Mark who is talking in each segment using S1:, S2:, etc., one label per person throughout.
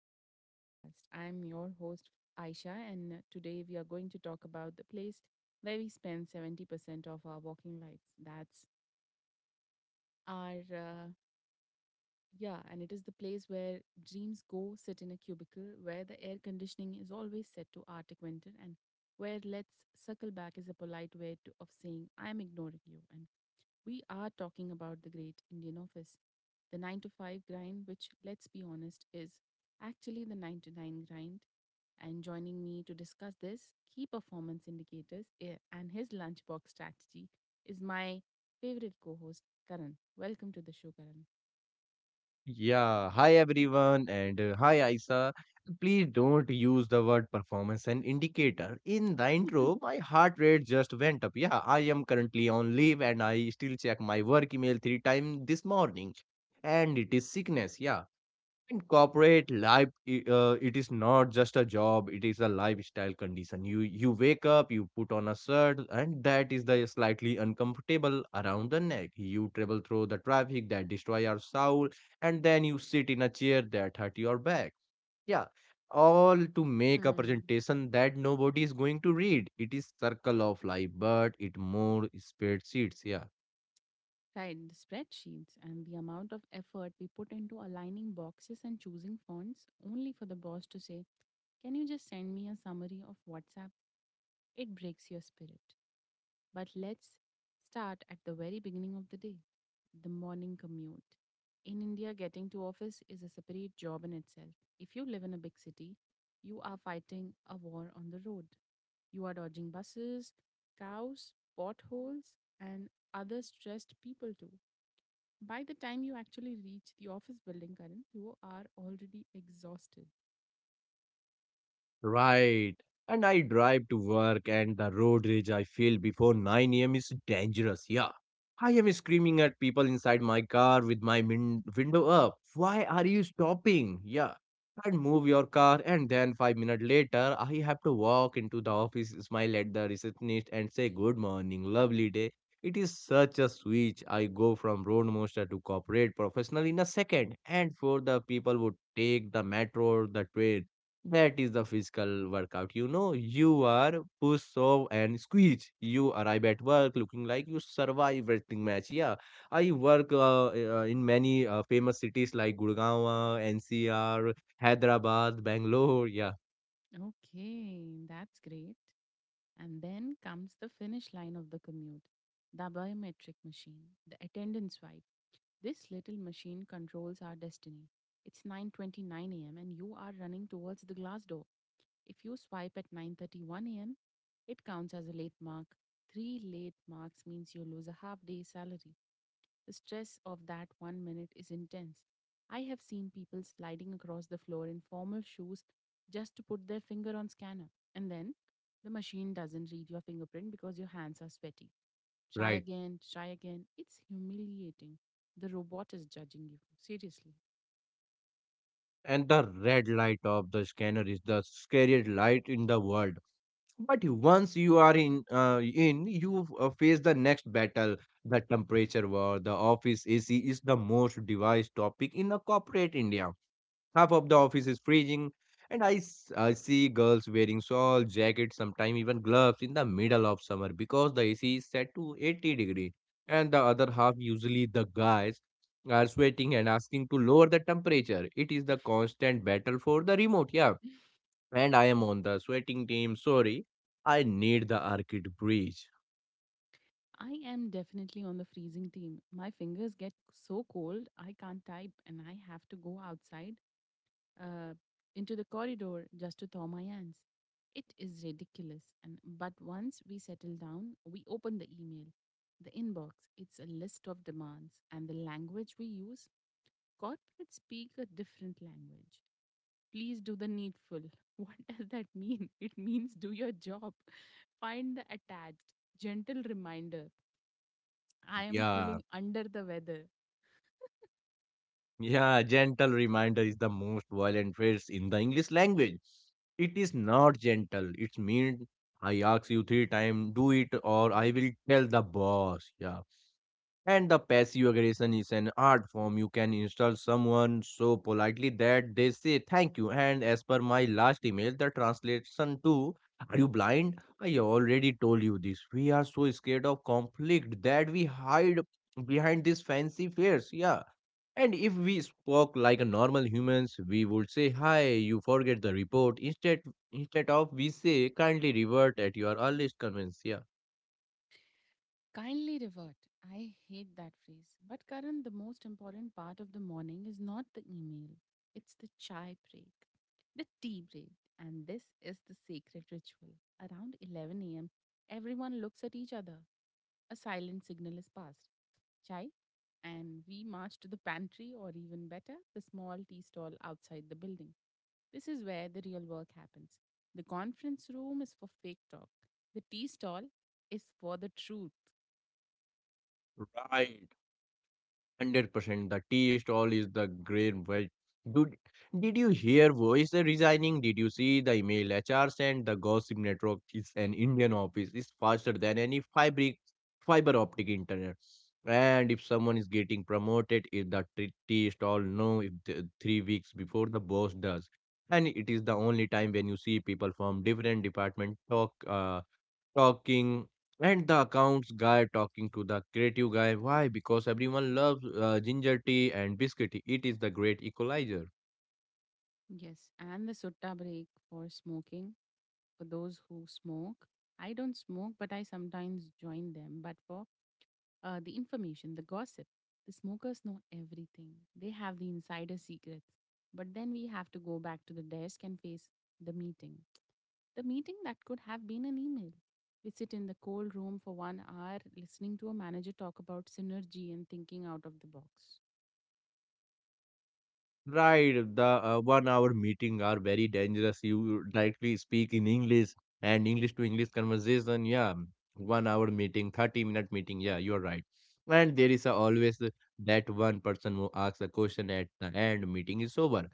S1: back to the podcast. I'm your host, Aisha, and today we are going to talk about the place where we spend 70% of our walking lives. That's our. Yeah, and it is the place where dreams go sit in a cubicle, where the air conditioning is always set to Arctic winter, and where let's suckle back is a polite way of saying, I'm ignoring you. We are talking about the great Indian office, the 9 to 5 grind, which, let's be honest, is actually the 9 to 9 grind. And joining me to discuss this, key performance indicators, and his lunchbox strategy is my favorite co host, Karan. Welcome to the show, Karan.
S2: Yeah, hi everyone, and hi Aisa. Please don't use the word performance and indicator. In the intro, my heart rate just went up. Yeah, I am currently on leave and I still check my work email three times this morning. And it is sickness, yeah. In corporate life, it is not just a job; it is a lifestyle condition. You wake up, you put on a shirt, and that is the slightly uncomfortable around the neck. You travel through the traffic that destroy your soul, and then you sit in a chair that hurt your back. Yeah, all to make a
S1: Mm.
S2: presentation that nobody is going to read. It is circle of life, but it more spreadsheets. Yeah.
S1: Right, the spreadsheets and the amount of effort we put into aligning boxes and choosing fonts only for the boss to say, can you just send me a summary of WhatsApp? It breaks your spirit. But let's start at the very beginning of the day, the morning commute. In India, getting to office is a separate job in itself. If you live in a big city, you are fighting a war on the road. You are dodging buses, cows, potholes, and other stressed people too. By the time you actually reach the office building, Karan, you are already exhausted.
S2: Right. And I drive to work, and the road rage I feel before 9 a.m. is dangerous. Yeah. I am screaming at people inside my car with my window up. Why are you stopping? Yeah. And move your car, and then 5 minutes later, I have to walk into the office, smile at the receptionist, and say, "Good morning, lovely day." It is such a switch. I go from roadmaster to corporate professional in a second. And for the people who take the metro or the train, that is the physical workout. You are push, shove, and squeeze. You arrive at work looking like you survive wrestling match. Yeah, I work in many famous cities like Gurgaon, NCR, Hyderabad, Bangalore. Yeah,
S1: Okay, that's great. And then comes the finish line of the commute, the biometric machine, the attendance swipe. This little machine controls our destiny. It's 9:29 a.m. and you are running towards the glass door. If you swipe at 9:31 a.m., it counts as a late mark. 3 late marks means you lose a half day salary. The stress of that one minute is intense. I have seen people sliding across the floor in formal shoes just to put their finger on scanner, and then the machine doesn't read your fingerprint because your hands are sweaty. Try
S2: right.
S1: again, try again. It's humiliating. The robot is judging you. Seriously.
S2: And the red light of the scanner is the scariest light in the world. But once you are in you face the next battle, the temperature war. The office AC is the most devised topic in a corporate India. Half of the office is freezing, and I see girls wearing shawl, jackets, sometimes even gloves in the middle of summer because the AC is set to 80°, and the other half usually the guys are sweating and asking to lower the temperature. It is the constant battle for the remote. Yeah, and I am on the sweating team. Sorry, I need the arcade breeze.
S1: I am definitely on the freezing team. My fingers get so cold, I can't type, and I have to go outside uh, into the corridor just to thaw my hands. It is ridiculous. And but once we settle down, we open the email, the inbox. It's a list of demands, and the language we use. Corporates speak a different language. Please do the needful. What does that mean? It means do your job. Find the attached. Gentle reminder. I am
S2: Yeah,
S1: feeling under the weather.
S2: yeah, gentle reminder is the most violent phrase in the English language. It is not gentle. It's mean I ask you three times, do it or I will tell the boss. Yeah. And the passive aggression is an art form. You can insult someone so politely that they say thank you. And as per my last email, the translation to "Are you blind? I already told you this." We are so scared of conflict that we hide behind these fancy fears. Yeah. And if we spoke like a normal humans, we would say, "Hi, you forget the report." Instead of we say kindly revert at your earliest convenience. Yeah.
S1: Kindly revert. I hate that phrase. But Karan, the most important part of the morning is not the email, it's the chai break, the tea break. And this is the sacred ritual. Around 11 a.m., everyone looks at each other. A silent signal is passed. Chai, and we march to the pantry, or even better, the small tea stall outside the building. This is where the real work happens. The conference room is for fake talk. The tea stall is for the truth.
S2: Right. 100% the tea stall is the great way. Dude, did you hear voice resigning? Did you see the email HR sent? The gossip network is an Indian office is faster than any fiber optic internet. And if someone is getting promoted, if the tea stall know if the, 3 weeks before the boss does. And it is the only time when you see people from different department talking and the accounts guy talking to the creative guy why because everyone loves ginger tea and biscuit tea. It is the great equalizer.
S1: Yes, and the sutta break for smoking, for those who smoke. I don't smoke, but I sometimes join them. But for the information, the gossip, the smokers know everything. They have the insider secrets. But then we have to go back to the desk and face the meeting. The meeting that could have been an email. We sit in the cold room for one hour listening to a manager talk about synergy and thinking out of the box.
S2: Right, the 1 hour meeting are very dangerous. You directly speak in English and English to English conversation. Yeah, 1 hour meeting, 30-minute meeting. Yeah, you are right. And there is a always that one person who asks a question at the end meeting is over.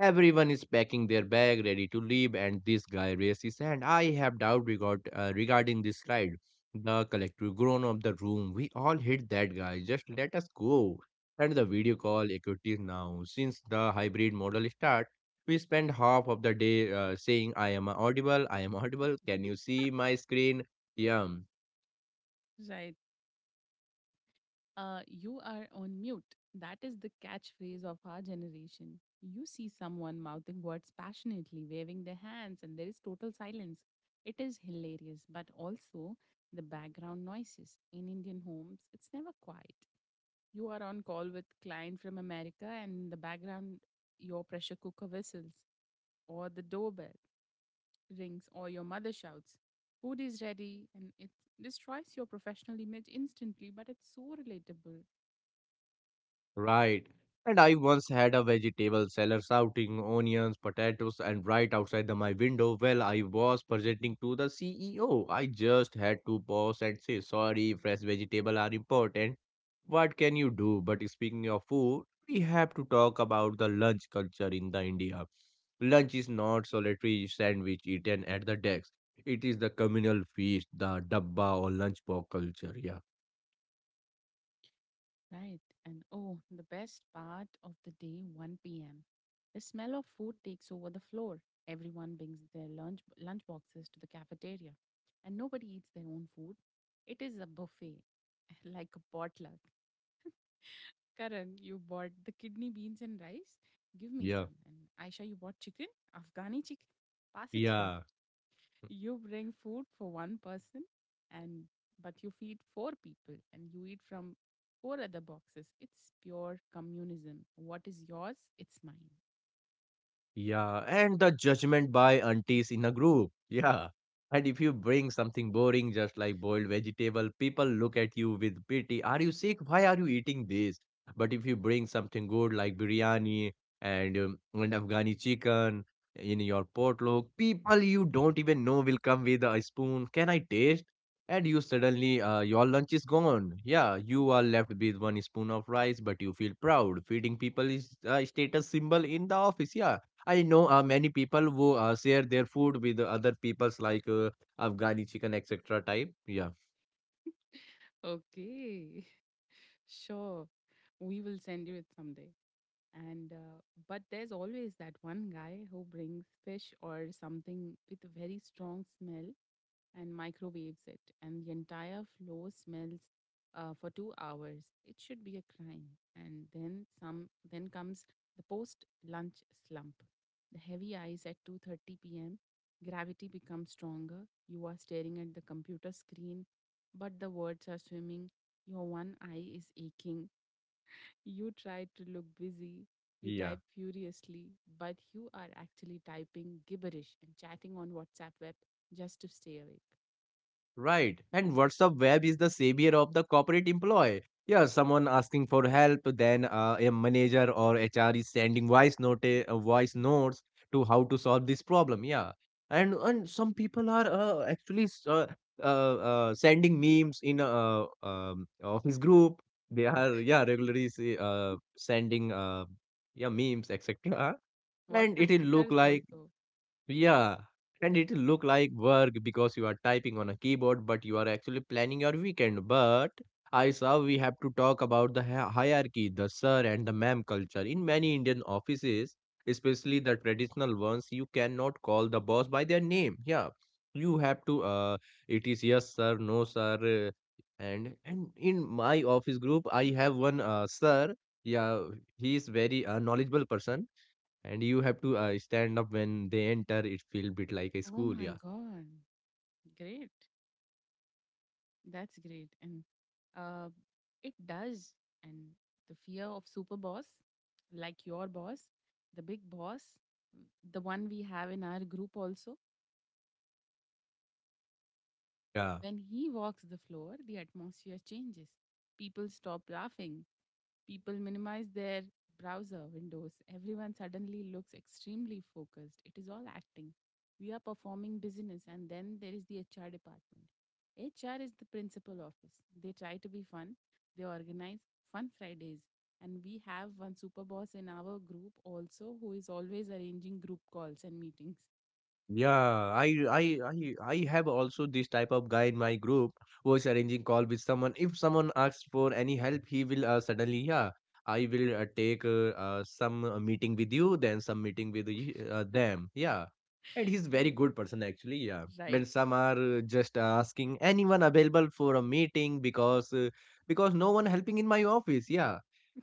S2: Everyone is packing their bag, ready to leave, and this guy raises his hand. I have doubt regarding this ride. The collective groan of the room. We all hit that guy. Just let us go. And the video call equity now. Since the hybrid model start, we spend half of the day saying, "I am audible. I am audible. Can you see my screen?" Yeah.
S1: Right. You are on mute. That is the catchphrase of our generation. You see someone mouthing words passionately, waving their hands, and there is total silence. It is hilarious, but also the background noises. In Indian homes, it's never quiet. You are on call with client from America, and in the background, your pressure cooker whistles, or the doorbell rings, or your mother shouts, food is ready, and it destroys your professional image instantly, but it's so relatable.
S2: Right. And I once had a vegetable seller shouting onions, potatoes, and right outside my window while I was presenting to the CEO. I just had to pause and say, "Sorry, fresh vegetables are important." What can you do? But speaking of food, we have to talk about the lunch culture in the India. Lunch is not solitary sandwich eaten at the desk. It is the communal feast, the dabba or lunch box culture. Yeah.
S1: Right. And oh, the best part of the day, 1 p.m. The smell of food takes over the floor. Everyone brings their lunch boxes to the cafeteria, and nobody eats their own food. It is a buffet, like a potluck. Karan, you bought the kidney beans and rice. Give me
S2: Yeah.
S1: some. And Aisha, you bought chicken, Afghani chicken. Pass it.
S2: Yeah.
S1: You bring food for one person, and but you feed four people and you eat from four other boxes. It's pure communism. What is yours it's mine.
S2: Yeah, and the judgment by aunties in a group. Yeah. And if you bring something boring, just like boiled vegetable, people look at you with pity. Are you sick? Why are you eating this? But if you bring something good like biryani and Afghani chicken in your potluck, people you don't even know will come with a spoon. Can I taste? And you suddenly, your lunch is gone. Yeah, you are left with one spoon of rice, but you feel proud. Feeding people is a status symbol in the office. Yeah, I know many people who share their food with other people's like Afghani chicken etc. type. Yeah,
S1: Okay. Sure, we will send you it someday. And but there's always that one guy who brings fish or something with a very strong smell and microwaves it, and the entire floor smells for 2 hours. It should be a crime. And then some then comes the post lunch slump, the heavy eyes at 2:30 p.m. Gravity becomes stronger. You are staring at the computer screen, but the words are swimming. Your one eye is aching. You try to look busy, you
S2: yeah.
S1: type furiously, but you are actually typing gibberish and chatting on WhatsApp web just to stay awake.
S2: Right. And WhatsApp web is the savior of the corporate employee. Yeah, someone asking for help, then a manager or HR is sending voice notes to how to solve this problem. Yeah. And some people are actually sending memes in office group. They are yeah regularly say, sending yeah memes etc. And
S1: WhatsApp
S2: it will look
S1: stickers
S2: like,
S1: also.
S2: yeah, and it look like work because you are typing on a keyboard, but you are actually planning your weekend. But I saw we have to talk about the hierarchy, the sir and the ma'am culture. In many Indian offices, especially the traditional ones, you cannot call the boss by their name. Yeah, you have to. It is yes sir, no sir, uh, and in my office group, I have one sir. Yeah, he is very knowledgeable person and you have to stand up when they enter. It feel bit like a
S1: Oh
S2: school.
S1: my
S2: Yeah.
S1: god. Great. That's great. And uh it does. And the fear of super boss, like your boss, the big boss, the one we have in our group also,
S2: Yeah.
S1: when he walks the floor, the atmosphere changes. People stop laughing. People minimize their browser windows. Everyone suddenly looks extremely focused. It is all acting. We are performing business, and then there is the HR department. HR is the principal office. They try to be fun, they organize fun Fridays. And we have one super boss in our group also who is always arranging group calls and meetings.
S2: Yeah, I have also this type of guy in my group who is arranging call with someone. If someone asks for any help, he will suddenly, yeah, I will take some meeting with you, then some meeting with them. Yeah, and he's very
S1: Yes.
S2: good person actually. Yeah, and
S1: Right.
S2: some are just asking anyone available for a meeting because no one helping in my office. Yeah,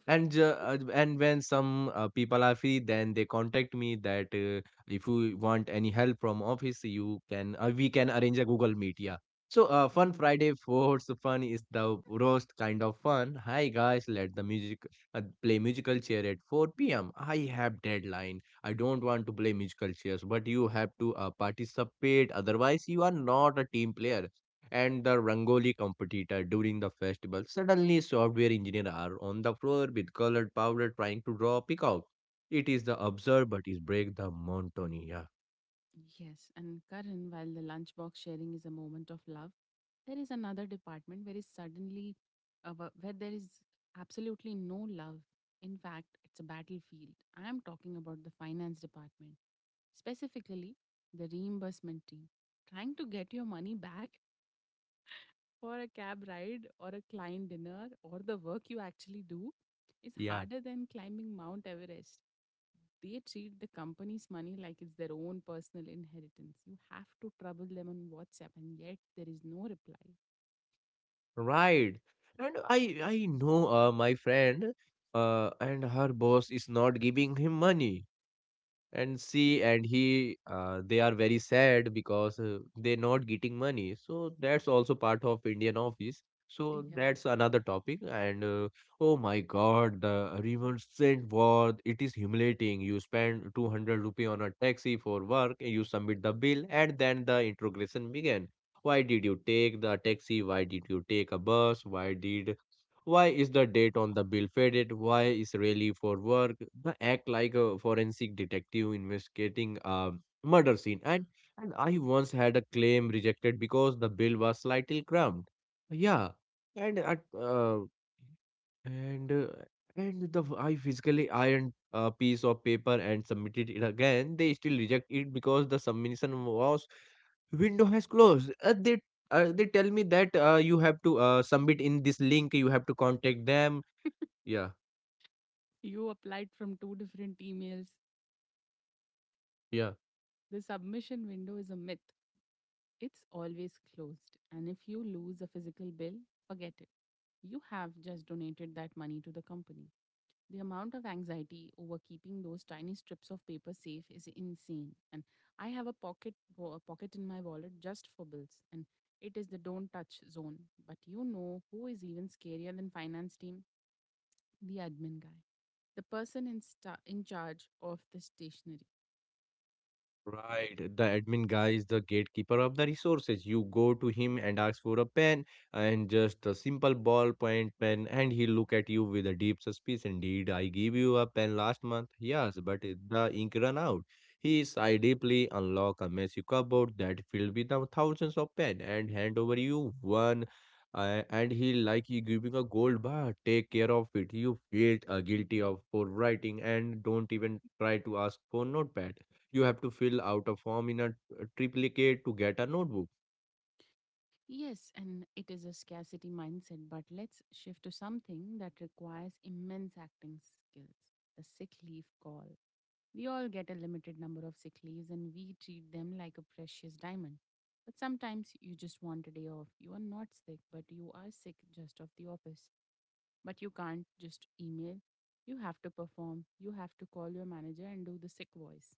S2: and when some people are free, then they contact me that. If you want any help from office, you can we can arrange a Google Meet. Yeah. So fun Friday force fun is the roast kind of fun. Hi guys, let the music play musical chair at 4 p.m. I have deadline. I don't want to play musical chairs, but you have to participate. Otherwise, you are not a team player. And the Rangoli competitor during the festival suddenly software engineer are on the floor with colored powder trying to draw peacock. It is the absurd, but it break the monotony. Yeah,
S1: Yes, and Karan, while the lunchbox sharing is a moment of love, there is another department where there is absolutely no love. In fact, it's a battlefield. I am talking about the finance department, specifically the reimbursement team. Trying to get your money back for a cab ride or a client dinner or the work you actually do is
S2: yeah,
S1: harder than climbing Mount Everest. They treat the company's money like it's their own personal inheritance. You have to trouble them on WhatsApp, and yet there is no reply.
S2: right. And I know my friend, and her boss is not giving him money. And see and he they are very sad because they're not getting money, so that's also part of Indian office, so
S1: Yeah,
S2: that's another topic, and oh my god, the reimbursement war, it is humiliating. You spend ₹200 on a taxi for work, you submit the bill, and then the interrogation began. Why did you take the taxi? Why did you take a bus? Why is the date on the bill faded? Why is really for work? The act like a forensic detective investigating a murder scene. And I once had a claim rejected because the bill was slightly crumbed. Yeah, and at uh, and uh, and the I physically ironed a piece of paper and submitted it again. They still reject it because the submission was window has closed. They tell me that you have to submit in this link. You have to contact them. Yeah,
S1: you applied from two different emails.
S2: yeah.
S1: The submission window is a myth, it's always closed. And if you lose a physical bill, forget it. You have just donated that money to the company. The amount of anxiety over keeping those tiny strips of paper safe is insane. And I have a a pocket in my wallet just for bills, and it is the don't touch zone. But you know who is even scarier than finance team? The admin guy. The person in in charge of the stationery.
S2: Right, the admin guy is the gatekeeper of the resources. You go to him and ask for a pen and just a simple ballpoint pen, and he look at you with a deep suspicion. Did I give you a pen last month? Yes, but the ink ran out. He sighed deeply, unlock a messy cupboard that filled with the thousands of pen, and hand over you one. And he like he giving a gold bar. Take care of it. You feel guilty of for writing, and don't even try to ask for notepad. You have to fill out a form in a triplicate to get a notebook.
S1: Yes, and it is a scarcity mindset, but let's shift to something that requires immense acting skills. The sick leave call. We all get a limited number of sick leaves, and we treat them like a precious diamond. But sometimes you just want a day off. You are not sick, but you are sick just of the office. But you can't just email. You have to perform. You have to call your manager and do the sick voice.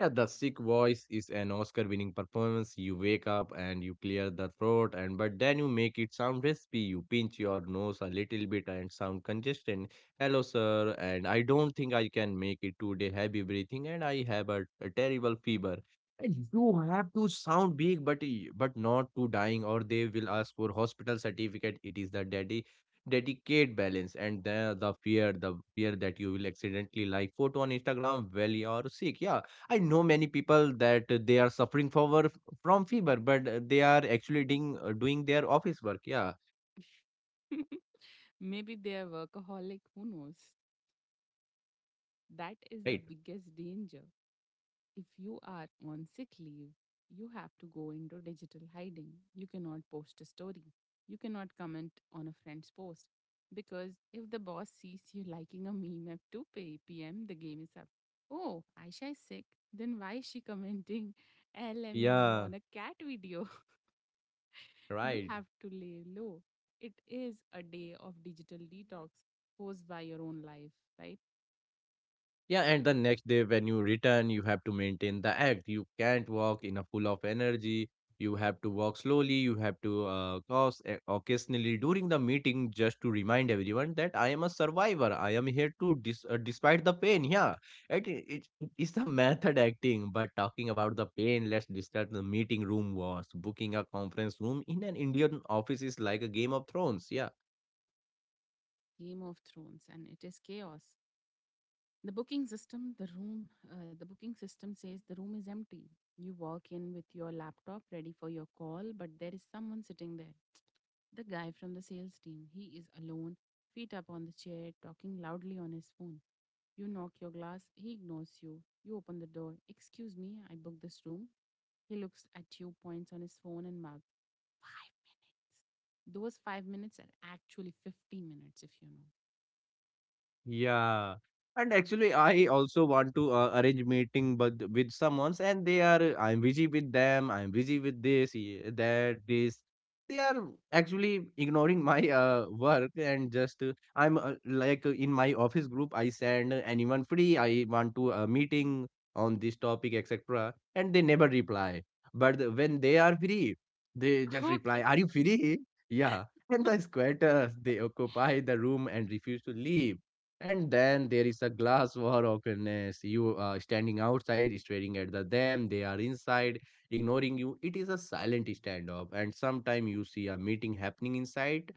S2: Yeah, the sick voice is an Oscar winning performance. You wake up and you clear the throat and but then you make it sound raspy. You pinch your nose a little bit and sound congested. Hello sir and I don't think I can make it today. Heavy breathing and I have a terrible fever. And you have to sound big but but not too dying or they will ask for hospital certificate. It is the daddy dedicate balance and the fear that you will accidentally like photo on instagram well you are sick, yeah. I know many people that they are from fever, but they are actually doing their office work. Yeah,
S1: Maybe they are workaholic, who knows? That is the
S2: right.
S1: biggest danger. If you are on sick leave, you have to go into digital hiding. You cannot post a story. You cannot comment on a friend's post, because if the boss sees you liking a meme at 2 p.m., the game is up. Oh, Aisha is sick. Then why is she commenting LMAO
S2: Yeah,
S1: on a cat video? You
S2: right.
S1: have to lay low. It is a day of digital detox posed by your own life, right?
S2: Yeah, and the next day when you return, you have to maintain the act. You can't walk in a full of energy. You have to walk slowly. You have to cough occasionally during the meeting just to remind everyone that I am a survivor. I am here to despite the pain. Yeah, it is the method acting. But talking about the pain, let's discuss the meeting room wars. Booking a conference room in an Indian office is like a Game of Thrones. Yeah.
S1: Game of Thrones, and it is chaos. The the booking system says the room is empty. You walk in with your laptop ready for your call, but there is someone sitting there. The guy from the sales team. He is alone, feet up on the chair, talking loudly on his phone. You knock your glass, he ignores you. You open the door. Excuse me, I booked this room. He looks at you, points on his phone, and mouths, 5 minutes. Those 5 minutes are actually 50 minutes, if you know.
S2: Yeah. And actually, I also want to arrange meeting, but with someone's, and they are I'm busy with them. I'm busy with that, this. They are actually ignoring my work and just I'm like in my office group. I send anyone free. I want to a meeting on this topic, etc. And they never reply. When they are free, they just reply, "Are
S1: Okay.
S2: you free?" Yeah. And the squatters they occupy the room and refuse to leave, and then there is a glass war awkwardness. You are standing outside, staring at them. They are inside, ignoring you. It is a silent standoff. And sometime you see a meeting happening inside,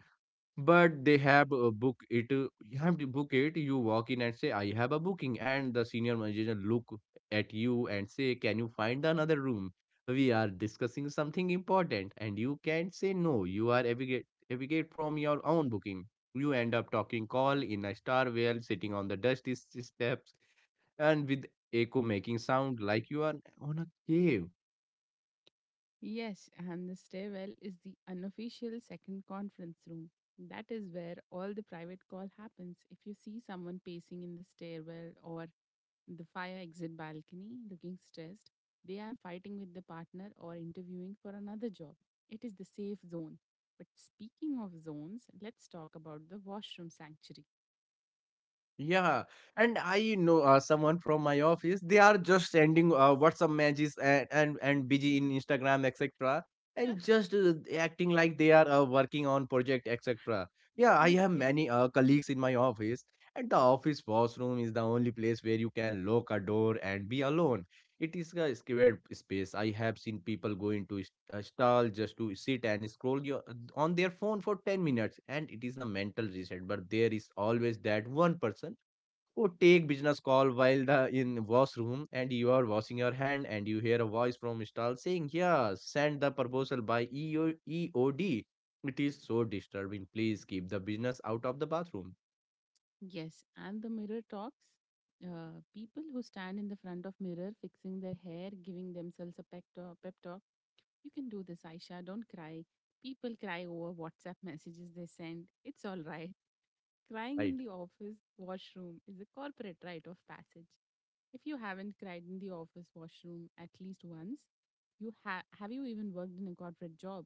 S2: but they have a book it you have to book it. You walk in and say I have a booking and the senior manager look at you and say, can you find another room, we are discussing something important, and you can say no. You are abdicate from your own booking. You end up talking call in a star whale sitting on the dusty steps and with echo making sound like you are on a cave.
S1: Yes, and the stairwell is the unofficial second conference room. That is where all the private call happens. If you see someone pacing in the stairwell or the fire exit balcony looking stressed, they are fighting with the partner or interviewing for another job. It is the safe zone. But speaking of zones, let's talk about the washroom sanctuary.
S2: Yeah, and I know someone from my office. They are just sending WhatsApp messages and busy in Instagram, etc. And just acting like they are working on project, etc. Yeah, I have
S1: Okay.
S2: many colleagues in my office, and the office washroom is the only place where you can lock a door and be alone. It is a scared space. I have seen people going to stall just to sit and on their phone for 10 minutes, and it is a mental reset. But there is always that one person who take business call while the in washroom, and you are washing your hand and you hear a voice from stall saying, yeah, send the proposal by eod. It is so disturbing, please keep the business out of the bathroom.
S1: Yes, and the mirror talks. People who stand in the front of mirror fixing their hair, giving themselves a pep talk. You can do this, Aisha. Don't cry. People cry over WhatsApp messages they send. It's all right. Crying
S2: Right.
S1: in the office washroom is a corporate rite of passage. If you haven't cried in the office washroom at least once, have you even worked in a corporate job?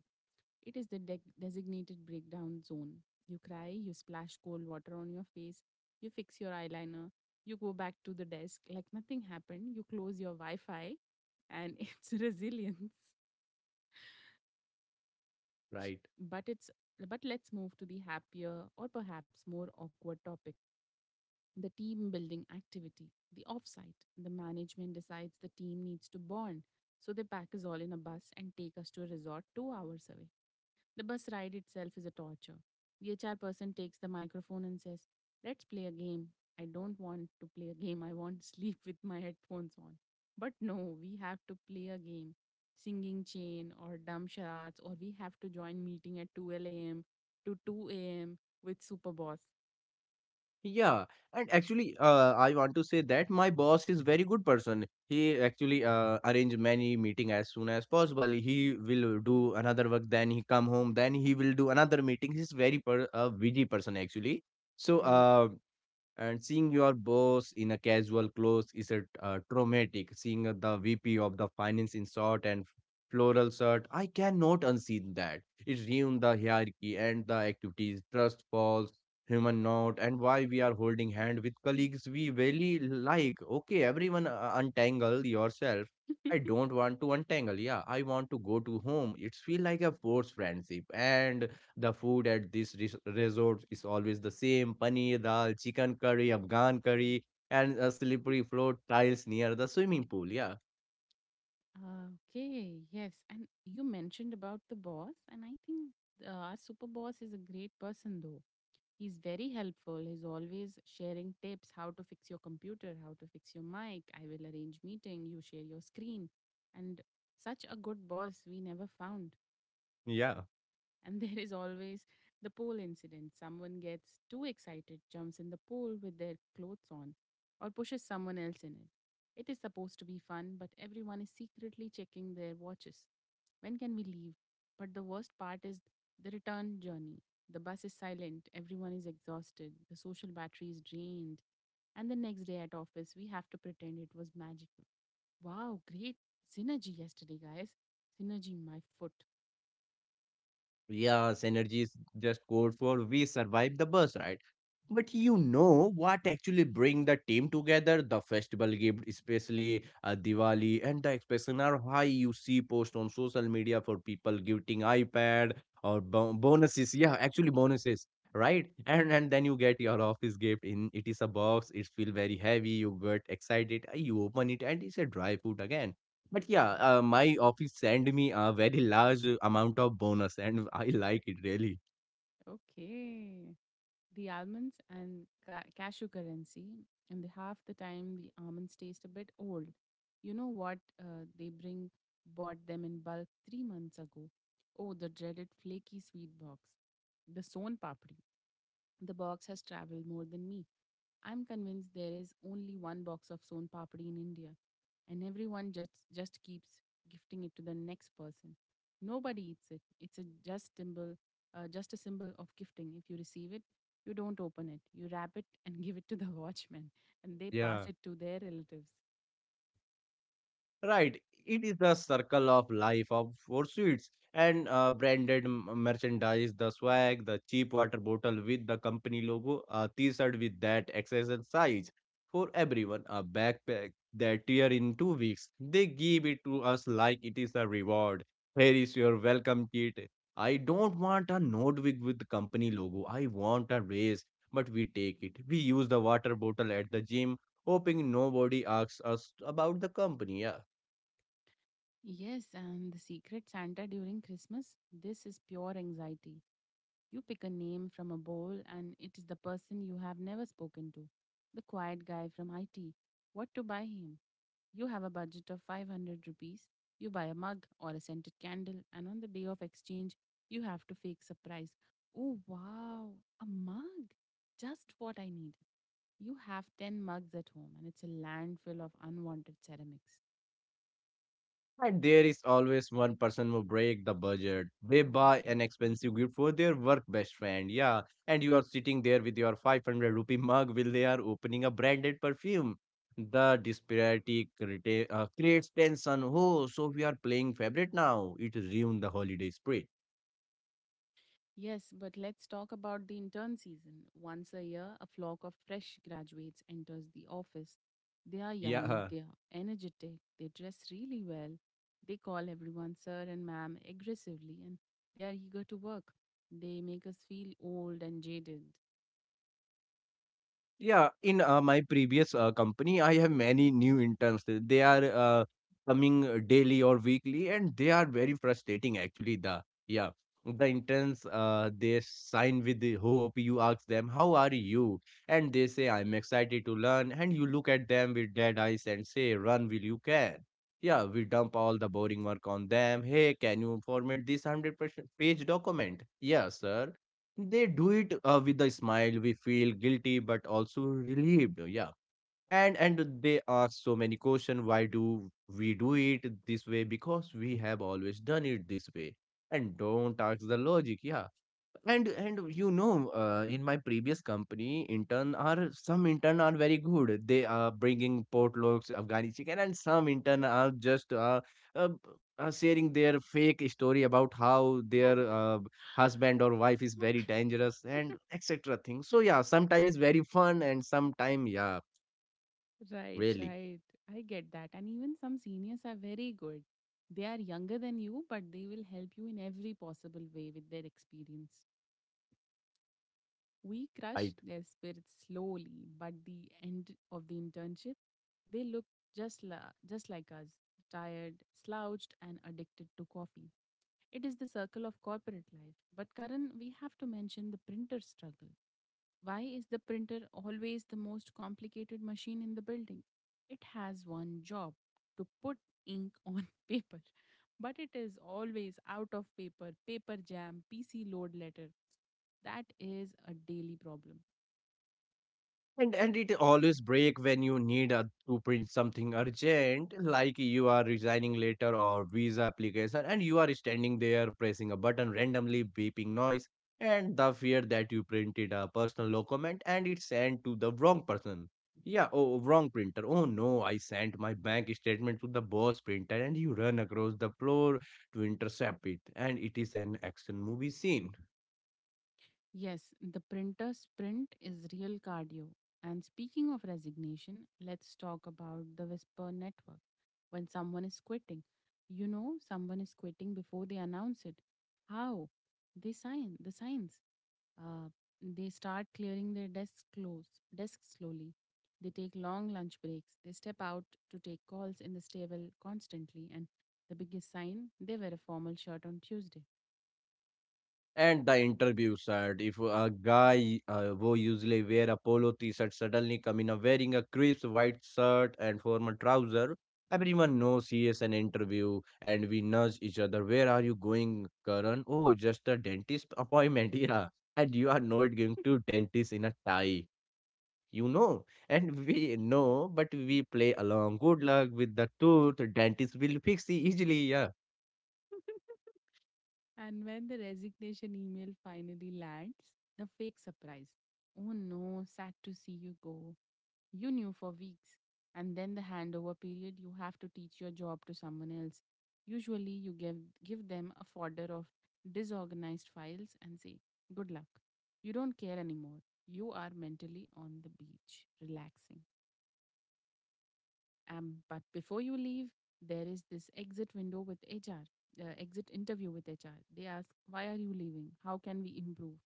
S1: It is the designated breakdown zone. You cry, you splash cold water on your face, you fix your eyeliner, you go back to the desk like nothing happened, you close your Wi Fi, and it's resilience.
S2: Right.
S1: But it's but let's move to the happier or perhaps more awkward topic, the team building activity, the offsite. The management decides the team needs to bond, so they pack us all in a bus and take us to a resort 2 hours away. The bus ride itself is a torture. The HR person takes the microphone and says, "Let's play a game." I don't want to play a game. I want to sleep with my headphones on. But no, we have to play a game. Singing chain or dumb charades, or we have to join meeting at 2 a.m. to 2 a.m. with super boss.
S2: Yeah, and actually, I want to say that my boss is very good person. He actually arrange many meeting as soon as possible. He will do another work, then he come home, then he will do another meeting. He's very a busy person actually. So
S1: Hmm.
S2: and seeing your boss in a casual clothes is a traumatic, seeing the vp of the finance in short and floral shirt, I cannot unseen that. It ruined the hierarchy and the activities trust falls human not and why we are holding hand with colleagues we really like. Okay everyone, untangle yourself. I don't want to untangle, yeah, I want to go to home. It's feel like a forced friendship. And the food at this resorts is always the same paneer dal, chicken curry, Afghan curry, and a slippery floor tiles near the swimming pool. Yeah,
S1: Okay, yes. And you mentioned about the boss, and I think our super boss is a great person, though. He's very helpful. He's always sharing tips how to fix your computer, how to fix your mic. I will arrange meeting, you share your screen. And such a good boss we never found.
S2: yeah.
S1: And there is always the pole incident. Someone gets too excited, jumps in the pool with their clothes on, or pushes someone else in it. It is supposed to be fun, but everyone is secretly checking their watches. When can we leave? But the worst part is the return journey. The bus is silent, everyone is exhausted, the social battery is drained. And the next day at office, we have to pretend it was magical. Wow, great synergy yesterday, guys. Synergy, my foot.
S2: Yes, energy is just code for we survived the bus ride. But you know what actually bring the team together? The festival gift, especially Diwali, and the expression are high. You see post on social media for people gifting iPad or bonuses. Yeah, actually bonuses, right? And then you get your office gift in. It is a box. It feel very heavy. You get excited. You open it, and it's a dry food again. But yeah, my office send me a very large amount of bonus, and I like it really.
S1: Okay. The almonds and cashew currency, and the half the time the almonds taste a bit old. You know what? They bring bought them in bulk 3 months ago. Oh, the dreaded flaky sweet box, the son papri. The box has traveled more than me. I'm convinced there is only one box of Son Papdi in India, and everyone just keeps gifting it to the next person. Nobody eats it. It's a just symbol, just a symbol of gifting. If you receive it, you don't open it. You wrap it and give it to the watchman, and they pass
S2: Yeah.
S1: it to their relatives.
S2: Right. It is the circle of life of pursuits and branded merchandise, the swag, the cheap water bottle with the company logo, a t-shirt with that XXL size for everyone, a backpack that year in 2 weeks. They give it to us like it is a reward. Here is your welcome kit. I don't want a notebook with the company logo. I want a race, but we take it. We use the water bottle at the gym, hoping nobody asks us about the company. Yeah.
S1: Yes, and the secret Santa during Christmas. This is pure anxiety. You pick a name from a bowl, and it is the person you have never spoken to. The quiet guy from IT. What to buy him? You have a budget of 500 rupees. You buy a mug or a scented candle, and on the day of exchange, you have to fake surprise. Oh, wow, a mug! Just what I need. You have 10 mugs at home, and it's a landfill of unwanted ceramics.
S2: And there is always one person who break the budget. They buy an expensive gift for their work best friend. Yeah. And you are sitting there with your 500 rupee mug while they are opening a branded perfume. The disparity creates tension. Oh, so we are playing favorite now. It ruined the holiday spirit.
S1: Yes, but let's talk about the intern season. Once a year, a flock of fresh graduates enters the office. They are young,
S2: Yeah.
S1: they are energetic, they dress really well, they call everyone sir and ma'am aggressively, and they are eager to work. They make us feel old and jaded.
S2: Yeah, in my previous company, I have many new interns. They are coming daily or weekly, and they are very frustrating actually. The yeah, the interns they sign with the hope. You ask them, "How are you?" and they say, "I'm excited to learn." And you look at them with dead eyes and say, "Run, will you can?" Yeah, we dump all the boring work on them. Hey, can you format this 100% page document? Yeah, sir, they do it with a smile. We feel guilty but also relieved, yeah. And they ask so many questions, why do we do it this way? Because we have always done it this way, and don't ask the logic, yeah. And you know in my previous company, intern are some intern are very good, they are bringing potlocks afghani chicken, and some intern are just uh, sharing their fake story about how their husband or wife is very dangerous, and etc things. So yeah, sometimes very fun and sometime, yeah,
S1: Right,
S2: really.
S1: right. I get that. And even some seniors are very good. They are younger than you, but they will help you in every possible way with their experience. We
S2: Right.
S1: crush their spirits slowly, but the end of the internship, they look just like us, tired, slouched, and addicted to coffee. It is the circle of corporate life. But Karan, we have to mention the printer struggle. Why is the printer always the most complicated machine in the building? It has one job to put ink on paper, but it is always out of paper, paper jam, PC load letter. That is a daily problem.
S2: And it always break when you need to print something urgent, like you are resigning letter or visa application, and you are standing there pressing a button randomly beeping noise, and the fear that you printed a personal document and it sent to the wrong person. Yeah, oh wrong printer. Oh no, I sent my bank statement to the boss printer, and you run across the floor to intercept it, and it is an action movie scene.
S1: Yes, the printer sprint is real cardio. And speaking of resignation, let's talk about the Whisper network. When someone is quitting, you know someone is quitting before they announce it. How? They sign the signs. Uh, they start clearing their desks close desks slowly. They take long lunch breaks. They step out to take calls in the stable constantly. And the biggest sign, they wear a formal shirt on Tuesday.
S2: And the interview said, if a guy who usually wear a polo t-shirt suddenly come in a wearing a crisp white shirt and formal trouser, everyone knows he is an interview, and we nudge each other. Where are you going, Karan? Oh, just a dentist appointment. Yeah. And you are not going to dentist in a tie. You know, and we know, but we play along. Good luck with the tooth. Dentist will fix it easily. Yeah.
S1: And when the resignation email finally lands, the fake surprise. Oh no, sad to see you go. You knew for weeks. And then the handover period, you have to teach your job to someone else. Usually, give them a folder of disorganized files and say, "Good luck." You don't care anymore. You are mentally on the beach, relaxing. But before you leave, there is this exit window with HR, uh, exit interview with HR. They ask, "Why are you leaving? How can we improve?"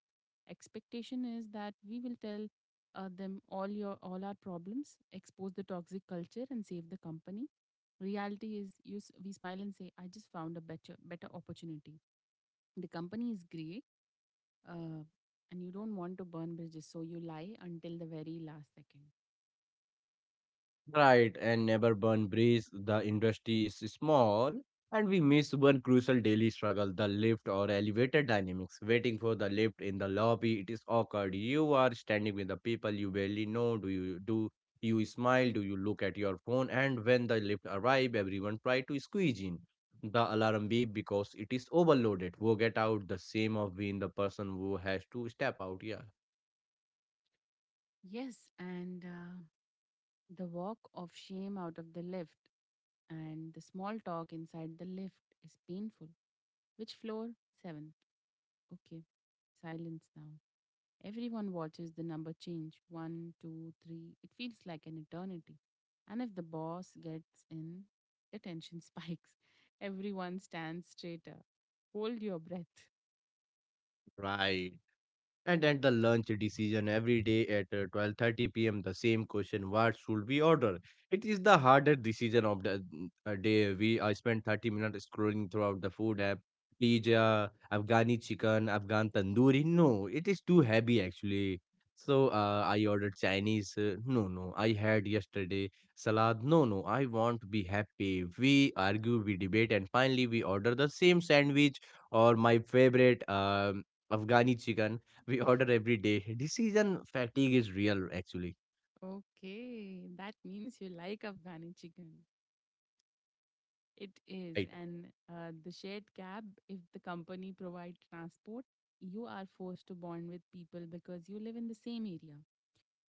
S1: Expectation is that we will tell them all our problems, expose the toxic culture, and save the company. Reality is, we smile and say, "I just found a better opportunity. The company is great," uh, and you don't want to burn bridges, so you lie until the very last second.
S2: Right, and never burn bridge. The industry is small, and we miss one crucial daily struggle, the lift or elevator dynamics. Waiting for the lift in the lobby, it is awkward. You are standing with the people you barely know. Do you smile? Do you look at your phone? And when the lift arrive, everyone try to squeeze in. The alarm beep because it is overloaded. Who get out? The same of being the person who has to step out. Yeah,
S1: Yes, and the walk of shame out of the lift and the small talk inside the lift is painful. Which floor? Seventh. Okay. Silence now. Everyone watches the number change. One, two, three. It feels like an eternity. And if the boss gets in, the tension spikes. Everyone stands straighter. Hold your breath.
S2: right. And at the lunch decision every day at 12:30 p.m., the same question, what should we order? It is the hardest decision of the day. We I spent 30 minutes scrolling throughout the food app. Pizza, Afghani chicken, Afghan tandoori. No, it is too heavy actually. So I ordered Chinese. No, no, I had yesterday salad. No, no, I want to be happy. We argue, we debate, and finally we order the same sandwich or my favorite Afghani chicken we order every day. Decision fatigue is real, actually.
S1: Okay, that means you like Afghani chicken. It is.
S2: Right.
S1: And the shared cab, if the company provides transport, you are forced to bond with people because you live in the same area,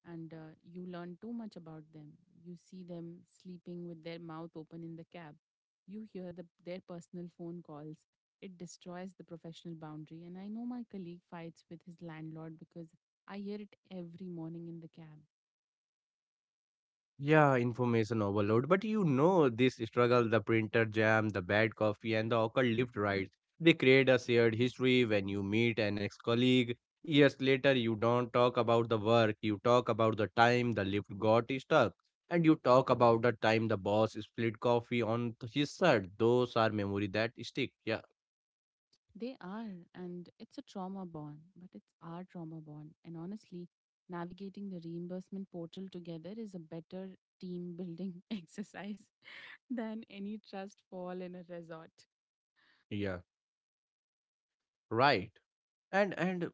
S1: and you learn too much about them. You see them sleeping with their mouth open in the cab. You hear their personal phone calls. It destroys the professional boundary. And I know my colleague fights with his landlord because I hear it every morning in the cab.
S2: Yeah, information overload. But you know, this struggle the printer jam, the bad coffee, and the awkward lift rides. They create a shared history when you meet an ex colleague. Years later, you don't talk about the work, you talk about the time the lift got stuck. And you talk about the time the boss split coffee on his shirt. Those are memory that stick. Yeah,
S1: They are, and it's a trauma bond, but it's our trauma bond. And honestly, navigating the reimbursement portal together is a better team building exercise than any trust fall in a resort.
S2: yeah, right. And and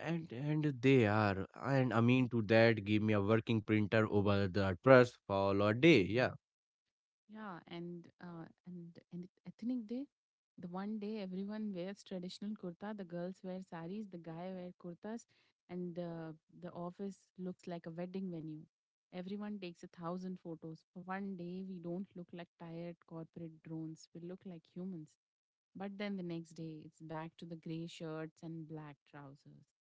S2: and they are, and I mean to that, give me a working printer over the trust for a day. Yeah.
S1: Yeah, and ethnic day, the one day everyone wears traditional kurta, the girls wear saris, the guy wear kurtas, and the office looks like a wedding venue. Everyone takes a thousand photos. For one day, we don't look like tired corporate drones. We look like humans. But then the next day, it's back to the gray shirts and black trousers.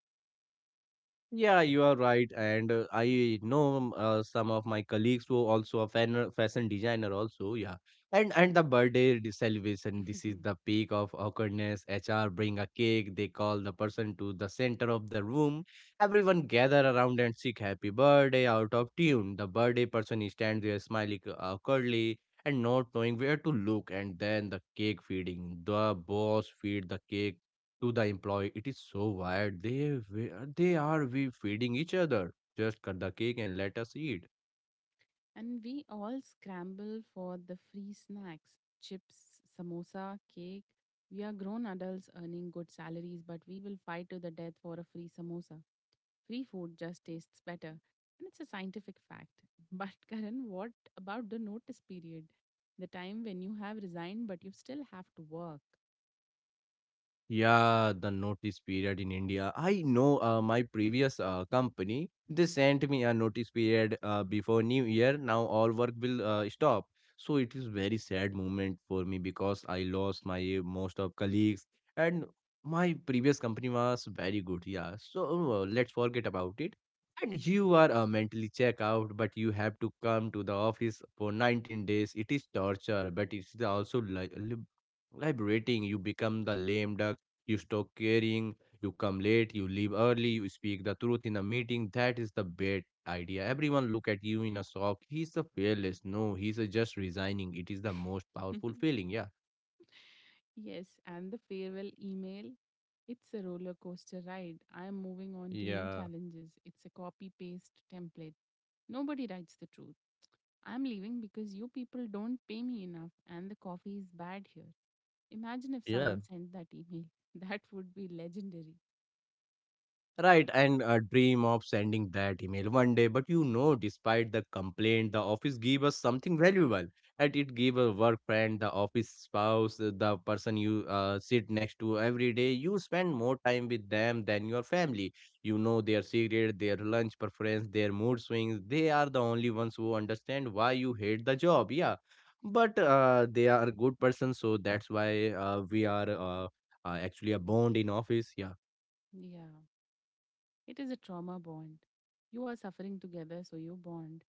S2: Yeah, you are right, and I know some of my colleagues who also a fashion designer also. Yeah, and the birthday celebration. This is the peak of awkwardness. HR bring a cake. They call the person to the center of the room. Everyone gather around and sing happy birthday out of tune. The birthday person is stands there smiling awkwardly and not knowing where to look. And then the cake feeding. The boss feed the cake to the employee. It is so wild. We- they are we feeding each other. Just cut the cake and let us eat.
S1: And we all scramble for the free snacks: chips, samosa, cake. We are grown adults earning good salaries, but we will fight to the death for a free samosa. Free food just tastes better. And it's a scientific fact. But, Karan, what about the notice period? The time when you have resigned, but you still have to work.
S2: Yeah, the notice period in India. I know my previous company, they sent me a notice period before New Year. Now all work will stop. So it is very sad moment for me because I lost my most of colleagues and my previous company was very good. Yeah, so let's forget about it. And you are mentally check out, but you have to come to the office for 19 days. It is torture, but it's also like, vibrating, you become the lame duck, you stop caring, you come late, you leave early, you speak the truth in a meeting. That is the bad idea. Everyone look at you in a shock. He's a fearless. No, he's a just resigning. It is the most powerful feeling. Yeah.
S1: Yes, and the farewell email. It's a roller coaster ride. I am moving on to new
S2: Yeah.
S1: challenges. It's a copy paste template. Nobody writes the truth. I'm leaving because you people don't pay me enough and the coffee is bad here. Imagine if
S2: Yeah.
S1: someone sent that email. That would be legendary.
S2: Right, and a dream of sending that email one day. But you know, despite the complaint, the office gave us something valuable. And it gave a work friend, the office spouse, the person you sit next to every day. You spend more time with them than your family. You know their secret, their lunch preference, their mood swings. They are the only ones who understand why you hate the job. Yeah, but they are good persons, so that's why we are actually a bond in office. Yeah.
S1: Yeah, it is a trauma bond. You are suffering together, so you bond.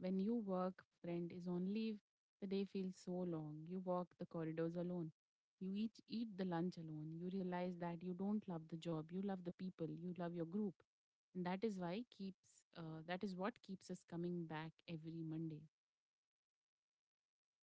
S1: When you work, friend is on leave, the day feels so long. You walk the corridors alone. You each eat the lunch alone. You realize that you don't love the job. You love the people. You love your group. And that is what keeps us coming back every Monday.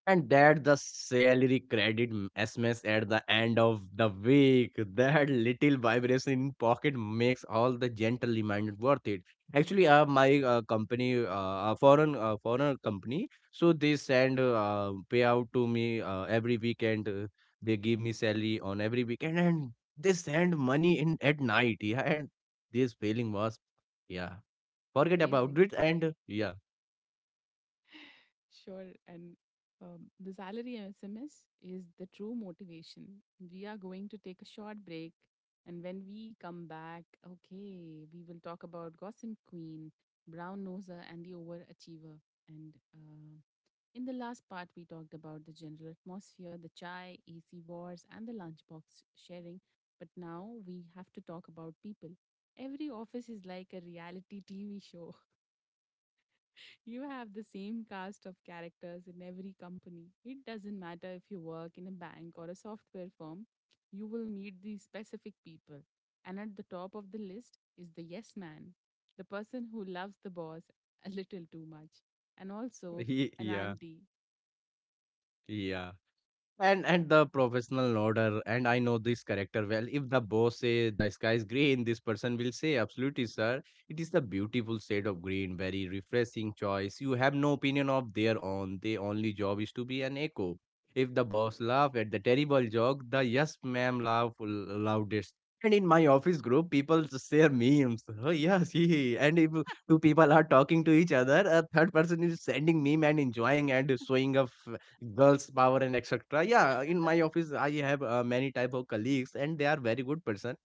S2: And that the salary credit SMS at the end of the week, that little vibration in pocket makes all the gentle reminder worth it. Actually, my company, a foreign company, so they send payout to me every weekend. They give me salary on every weekend, and they send money in at night. Yeah, and this feeling was, yeah, forget about
S1: Amazing.
S2: it. And yeah.
S1: Sure. And the salary SMS is the true motivation. We are going to take a short break. And when we come back, okay, we will talk about Gossip Queen, Brown Noser, and the Overachiever. And in the last part, we talked about the general atmosphere, the chai, AC wars, and the lunchbox sharing. But now we have to talk about people. Every office is like a reality TV show. You have the same cast of characters in every company. It doesn't matter if you work in a bank or a software firm, you will meet these specific people. And at the top of the list is the yes man, the person who loves the boss a little too much, and also an
S2: Yeah,
S1: auntie.
S2: yeah. And the professional order, and I know this character well. If the boss say the sky is green, this person will say, "Absolutely, sir. It is the beautiful shade of green. Very refreshing choice. You have no opinion of their own. Their only job is to be an echo." If the boss laugh at the terrible joke, the yes ma'am laugh loudest. And in my office group, people share memes. Oh yes, he. And if two people are talking to each other, a third person is sending meme and enjoying and showing off girls power and etc. Yeah, in my office I have many type of colleagues and they are very good person,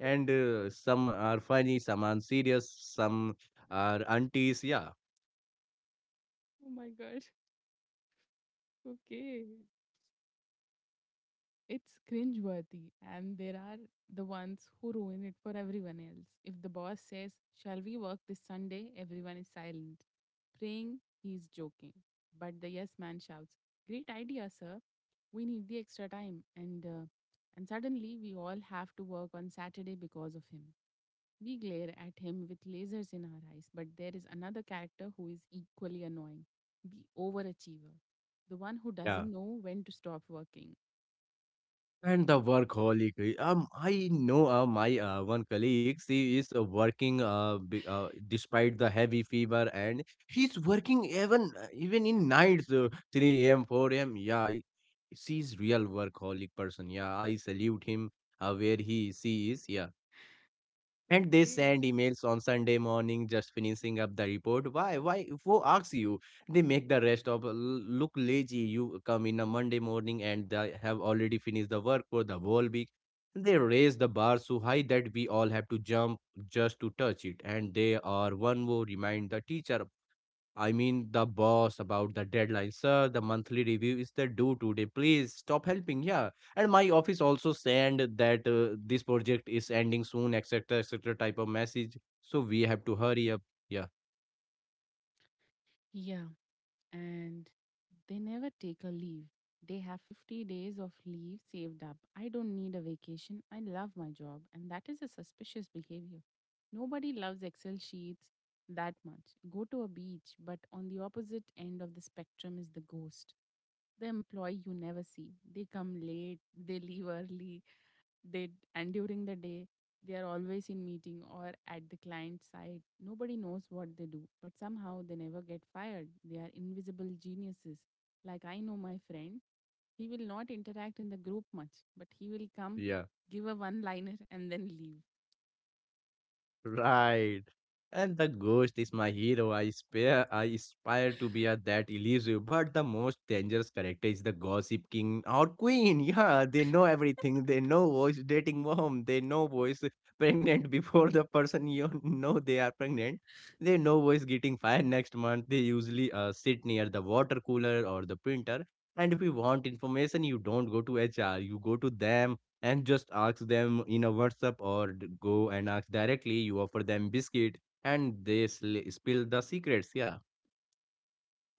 S2: and some are funny, some are serious, some are aunties. Yeah.
S1: Oh my god. Okay. It's cringeworthy, and there are the ones who ruin it for everyone else. If the boss says, "Shall we work this Sunday?" everyone is silent, praying he's joking. But the yes man shouts, "Great idea, sir. We need the extra time." And suddenly, we all have to work on Saturday because of him. We glare at him with lasers in our eyes, but there is another character who is equally annoying, the overachiever, the one who
S2: Yeah,
S1: doesn't know when to stop working.
S2: and the workaholic I know my one colleague, she is uh, working despite the heavy fever, and she's working even even in nights, 3 a.m, 4 a.m. Yeah, she's real workaholic person. Yeah, I salute him where he she is. Yeah. And they
S1: Okay.
S2: send emails on Sunday morning, just finishing up the report. Why, why? Who asks you? They make the rest of look lazy. You come in a Monday morning and they have already finished the work for the whole week. They raise the bar so high that we all have to jump just to touch it. And they are one more remind the teacher, I mean, the boss, about the deadline. Sir, the monthly review is the due today. Please stop helping. Yeah. And my office also send that this project is ending soon, etc., etc. type of message. So we have to hurry up. Yeah.
S1: Yeah, and they never take a leave. They have 50 days of leave saved up. I don't need a vacation. I love my job. And that is a suspicious behavior. Nobody loves Excel sheets that much. Go to a beach. But on the opposite end of the spectrum is the ghost, the employee you never see. They come late, they leave early, and during the day they are always in meeting or at the client side. Nobody knows what they do, but somehow they never get fired. They are invisible geniuses. Like, I know my friend, he will not interact in the group much, but he will come,
S2: Yeah.
S1: give a one liner, and then leave.
S2: Right. And the ghost is my hero. I aspire to be a that elusive, but the most dangerous character is the gossip king or queen. Yeah, they know everything. They know voice dating mom. They know voice pregnant before the person you know they are pregnant. They know voice getting fired next month. They usually sit near the water cooler or the printer. And if you want information, you don't go to HR. You go to them and just ask them in a WhatsApp, or go and ask directly. You offer them biscuit and they spill the secrets. Yeah.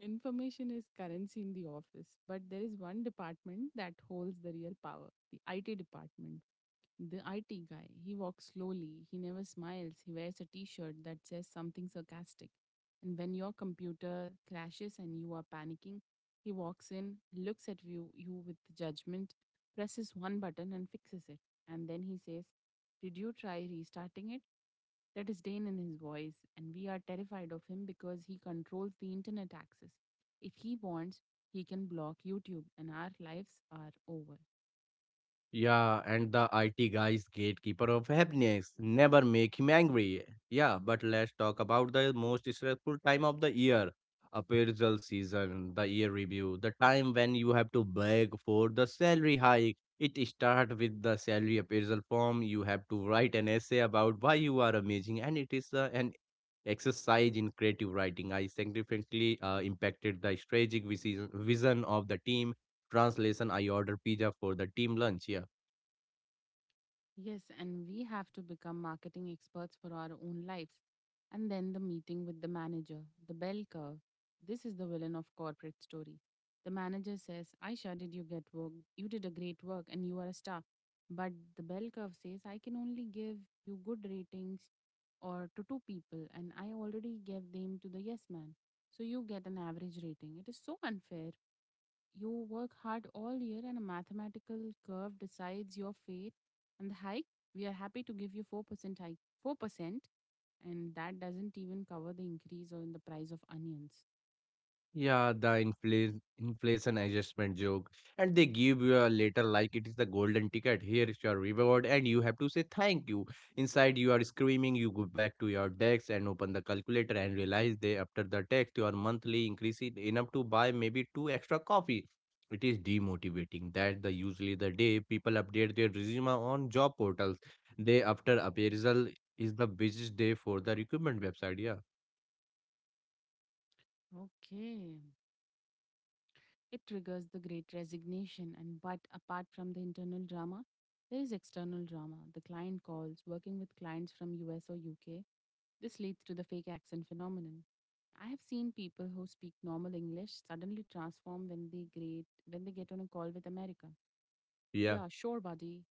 S1: Information is currency in the office, but there is one department that holds the real power, the IT department. The IT guy, he walks slowly, he never smiles, he wears a t shirt that says something sarcastic. And when your computer crashes and you are panicking, he walks in, looks at you with judgment, presses one button and fixes it. And then he says, Did you try restarting it? That is Dane in his voice, and we are terrified of him because he controls the internet access. If he wants, he can block YouTube, and our lives are over.
S2: Yeah, and the IT guy's gatekeeper of happiness. Never make him angry. Yeah, but let's talk about the most stressful time of the year. Appraisal season, the year review, the time when you have to beg for the salary hike. It starts with the salary appraisal form. You have to write an essay about why you are amazing, and it is an exercise in creative writing. I significantly impacted the strategic vision of the team. Translation: I order pizza for the team lunch. Yeah.
S1: Yes, and we have to become marketing experts for our own lives. And then the meeting with the manager, the bell curve. This is the villain of corporate story. The manager says, Aisha, did you get work? You did a great work and you are a star. But the bell curve says, I can only give you good ratings or to two people, and I already gave them to the yes man. So you get an average rating. It is so unfair. You work hard all year, and a mathematical curve decides your fate. And the hike, we are happy to give you 4% hike. 4%. And that doesn't even cover the increase or in the price of onions.
S2: Yeah, the inflation adjustment joke. And they give you a letter like it is the golden ticket. Here is your reward, and you have to say thank you. Inside you are screaming, you go back to your desk and open the calculator and realize they after the tax your monthly increase is enough to buy maybe two extra coffee. It is demotivating. That the usually the day people update their resume on job portals. Day after appraisal is the busiest day for the recruitment website. Yeah.
S1: Okay. It triggers the great resignation, and but apart from the internal drama, there is external drama. The client calls, working with clients from US or UK. This leads to the fake accent phenomenon. I have seen people who speak normal English suddenly transform when they great when they get on a call with America.
S2: Yeah.
S1: Yeah, sure, buddy.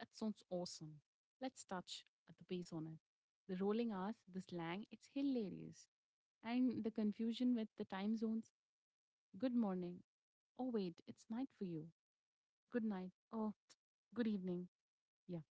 S1: That sounds awesome. Let's touch at the base on it. The rolling R's, the slang, it's hilarious. And the confusion with the time zones. Good morning. Oh wait, it's night for you. Good night. Oh, good evening. Yeah.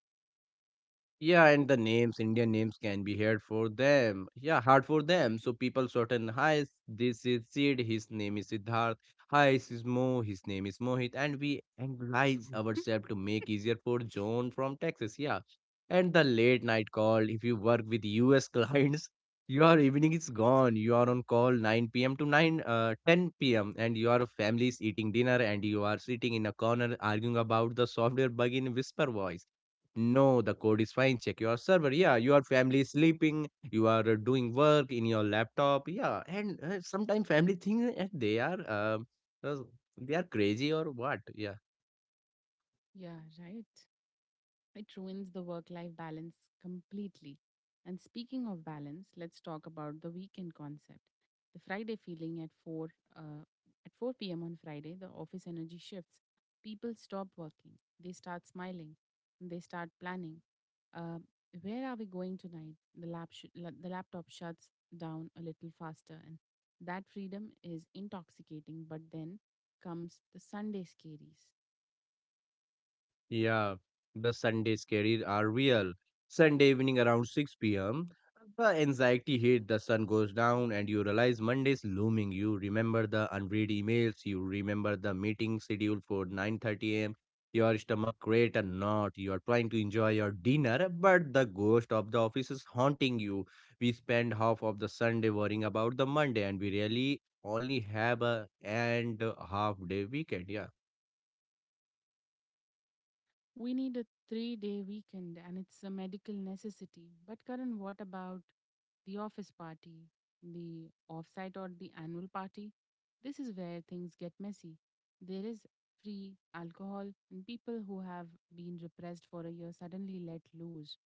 S2: Yeah, and the names, Indian names can be hard for them. Yeah, hard for them. So people shorten, hi, this is Sid, his name is Siddharth. Hi, this is Mo, his name is Mohit. And we anglicize ourselves to make easier for John from Texas. Yeah. And the late night call, if you work with US clients, your evening is gone. You are on call 9 p.m. to 9, 10 p.m. And your family is eating dinner and you are sitting in a corner arguing about the software bug in whisper voice. No, the code is fine. Check your server. Yeah, your family is sleeping. You are doing work in your laptop. Yeah, and sometimes family think that uh, they are crazy or what. Yeah.
S1: Yeah, right. It ruins the work life balance completely. And speaking of balance, let's talk about the weekend concept. The Friday feeling at 4 uh, at 4 p.m. on Friday, the office energy shifts. People stop working. They start smiling. And they start planning. Uh, where are we going tonight? The laptop shuts down a little faster, and that freedom is intoxicating. But then comes the Sunday scaries.
S2: Yeah, the Sundays carrier are real. Sunday evening around 6 p.m., the anxiety hit, the sun goes down, and you realize Monday's looming. You remember the unread emails, you remember the meeting scheduled for 9:30 a.m. Your stomach create a knot. You are trying to enjoy your dinner, but the ghost of the office is haunting you. We spend half of the Sunday worrying about the Monday, and we really only have a and a half day weekend. Yeah.
S1: We need a 3 day weekend, and it's a medical necessity. But, Karan, what about the office party, the offsite, or the annual party? This is where things get messy. There is free alcohol, and people who have been repressed for a year suddenly let loose.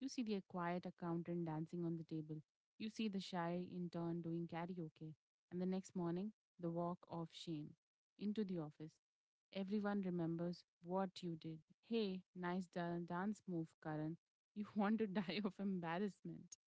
S1: You see the quiet accountant dancing on the table. You see the shy intern doing karaoke. And the next morning, the walk of shame into the office. Everyone remembers what you did. Hey, dance move, Karan. You want to die of embarrassment.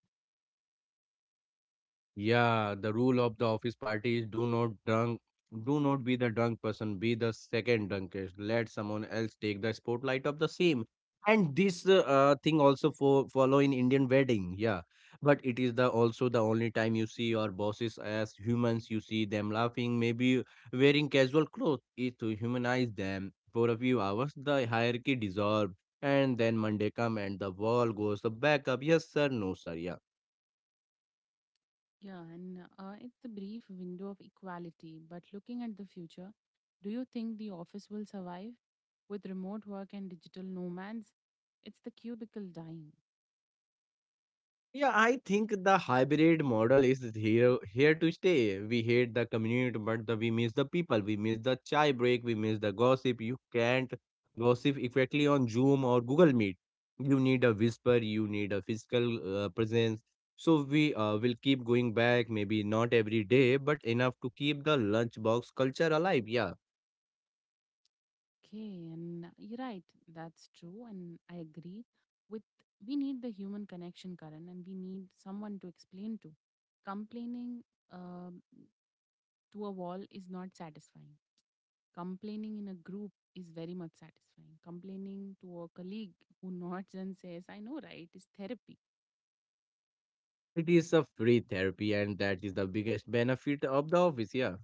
S2: Yeah, the rule of the office party is do not drunk, do not be the drunk person, be the second drunkest. Let someone else take the spotlight of the same. And this thing also for follow in Indian wedding, yeah. But it is the also the only time you see your bosses as humans. You see them laughing, maybe wearing casual clothes. It to humanize them for a few hours. The hierarchy dissolves, and then Monday come and the wall goes back up. Yes sir, no sir, yeah.
S1: Yeah, and it's the brief window of equality. But looking at the future, do you think the office will survive? With remote work and digital nomads, it's the cubicle dying.
S2: Yeah, I think the hybrid model is here to stay. We hate the community, but the, we miss the people. We miss the chai break. We miss the gossip. You can't gossip effectively on Zoom or Google Meet. You need a whisper. You need a physical presence. So we will keep going back. Maybe not every day, but enough to keep the lunchbox culture alive. Yeah,
S1: Okay, and you're right, that's true, and I agree. With we need the human connection, Karan, and we need someone to explain to. Complaining, uh, to a wall is not satisfying. Complaining in a group is very much satisfying. Complaining to a colleague who nods and says, I know, right, is therapy.
S2: it is a free therapy, and that is the biggest benefit of the office. Yeah.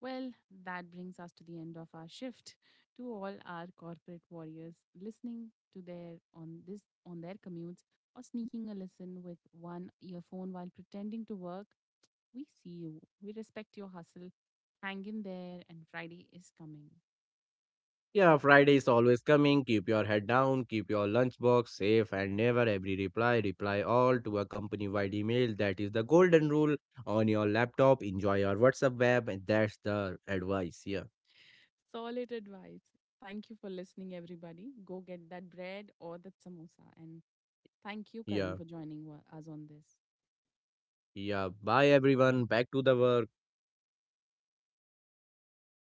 S1: Well, that brings us to the end of our shift. To all our corporate warriors listening to their on this on their commutes or sneaking a listen with one earphone while pretending to work, we see you. We respect your hustle. Hang in there and Friday is coming.
S2: Yeah, Friday is always coming. Keep your head down, keep your lunchbox safe, and never every reply. Reply all to a company wide email. That is the golden rule on your laptop. Enjoy your WhatsApp web. And that's the advice. Yeah,
S1: Solid advice. Thank you for listening, everybody. Go get that bread or that samosa. And thank you, Karan,
S2: yeah,
S1: for us on this.
S2: yeah. Bye, everyone. Back to the work.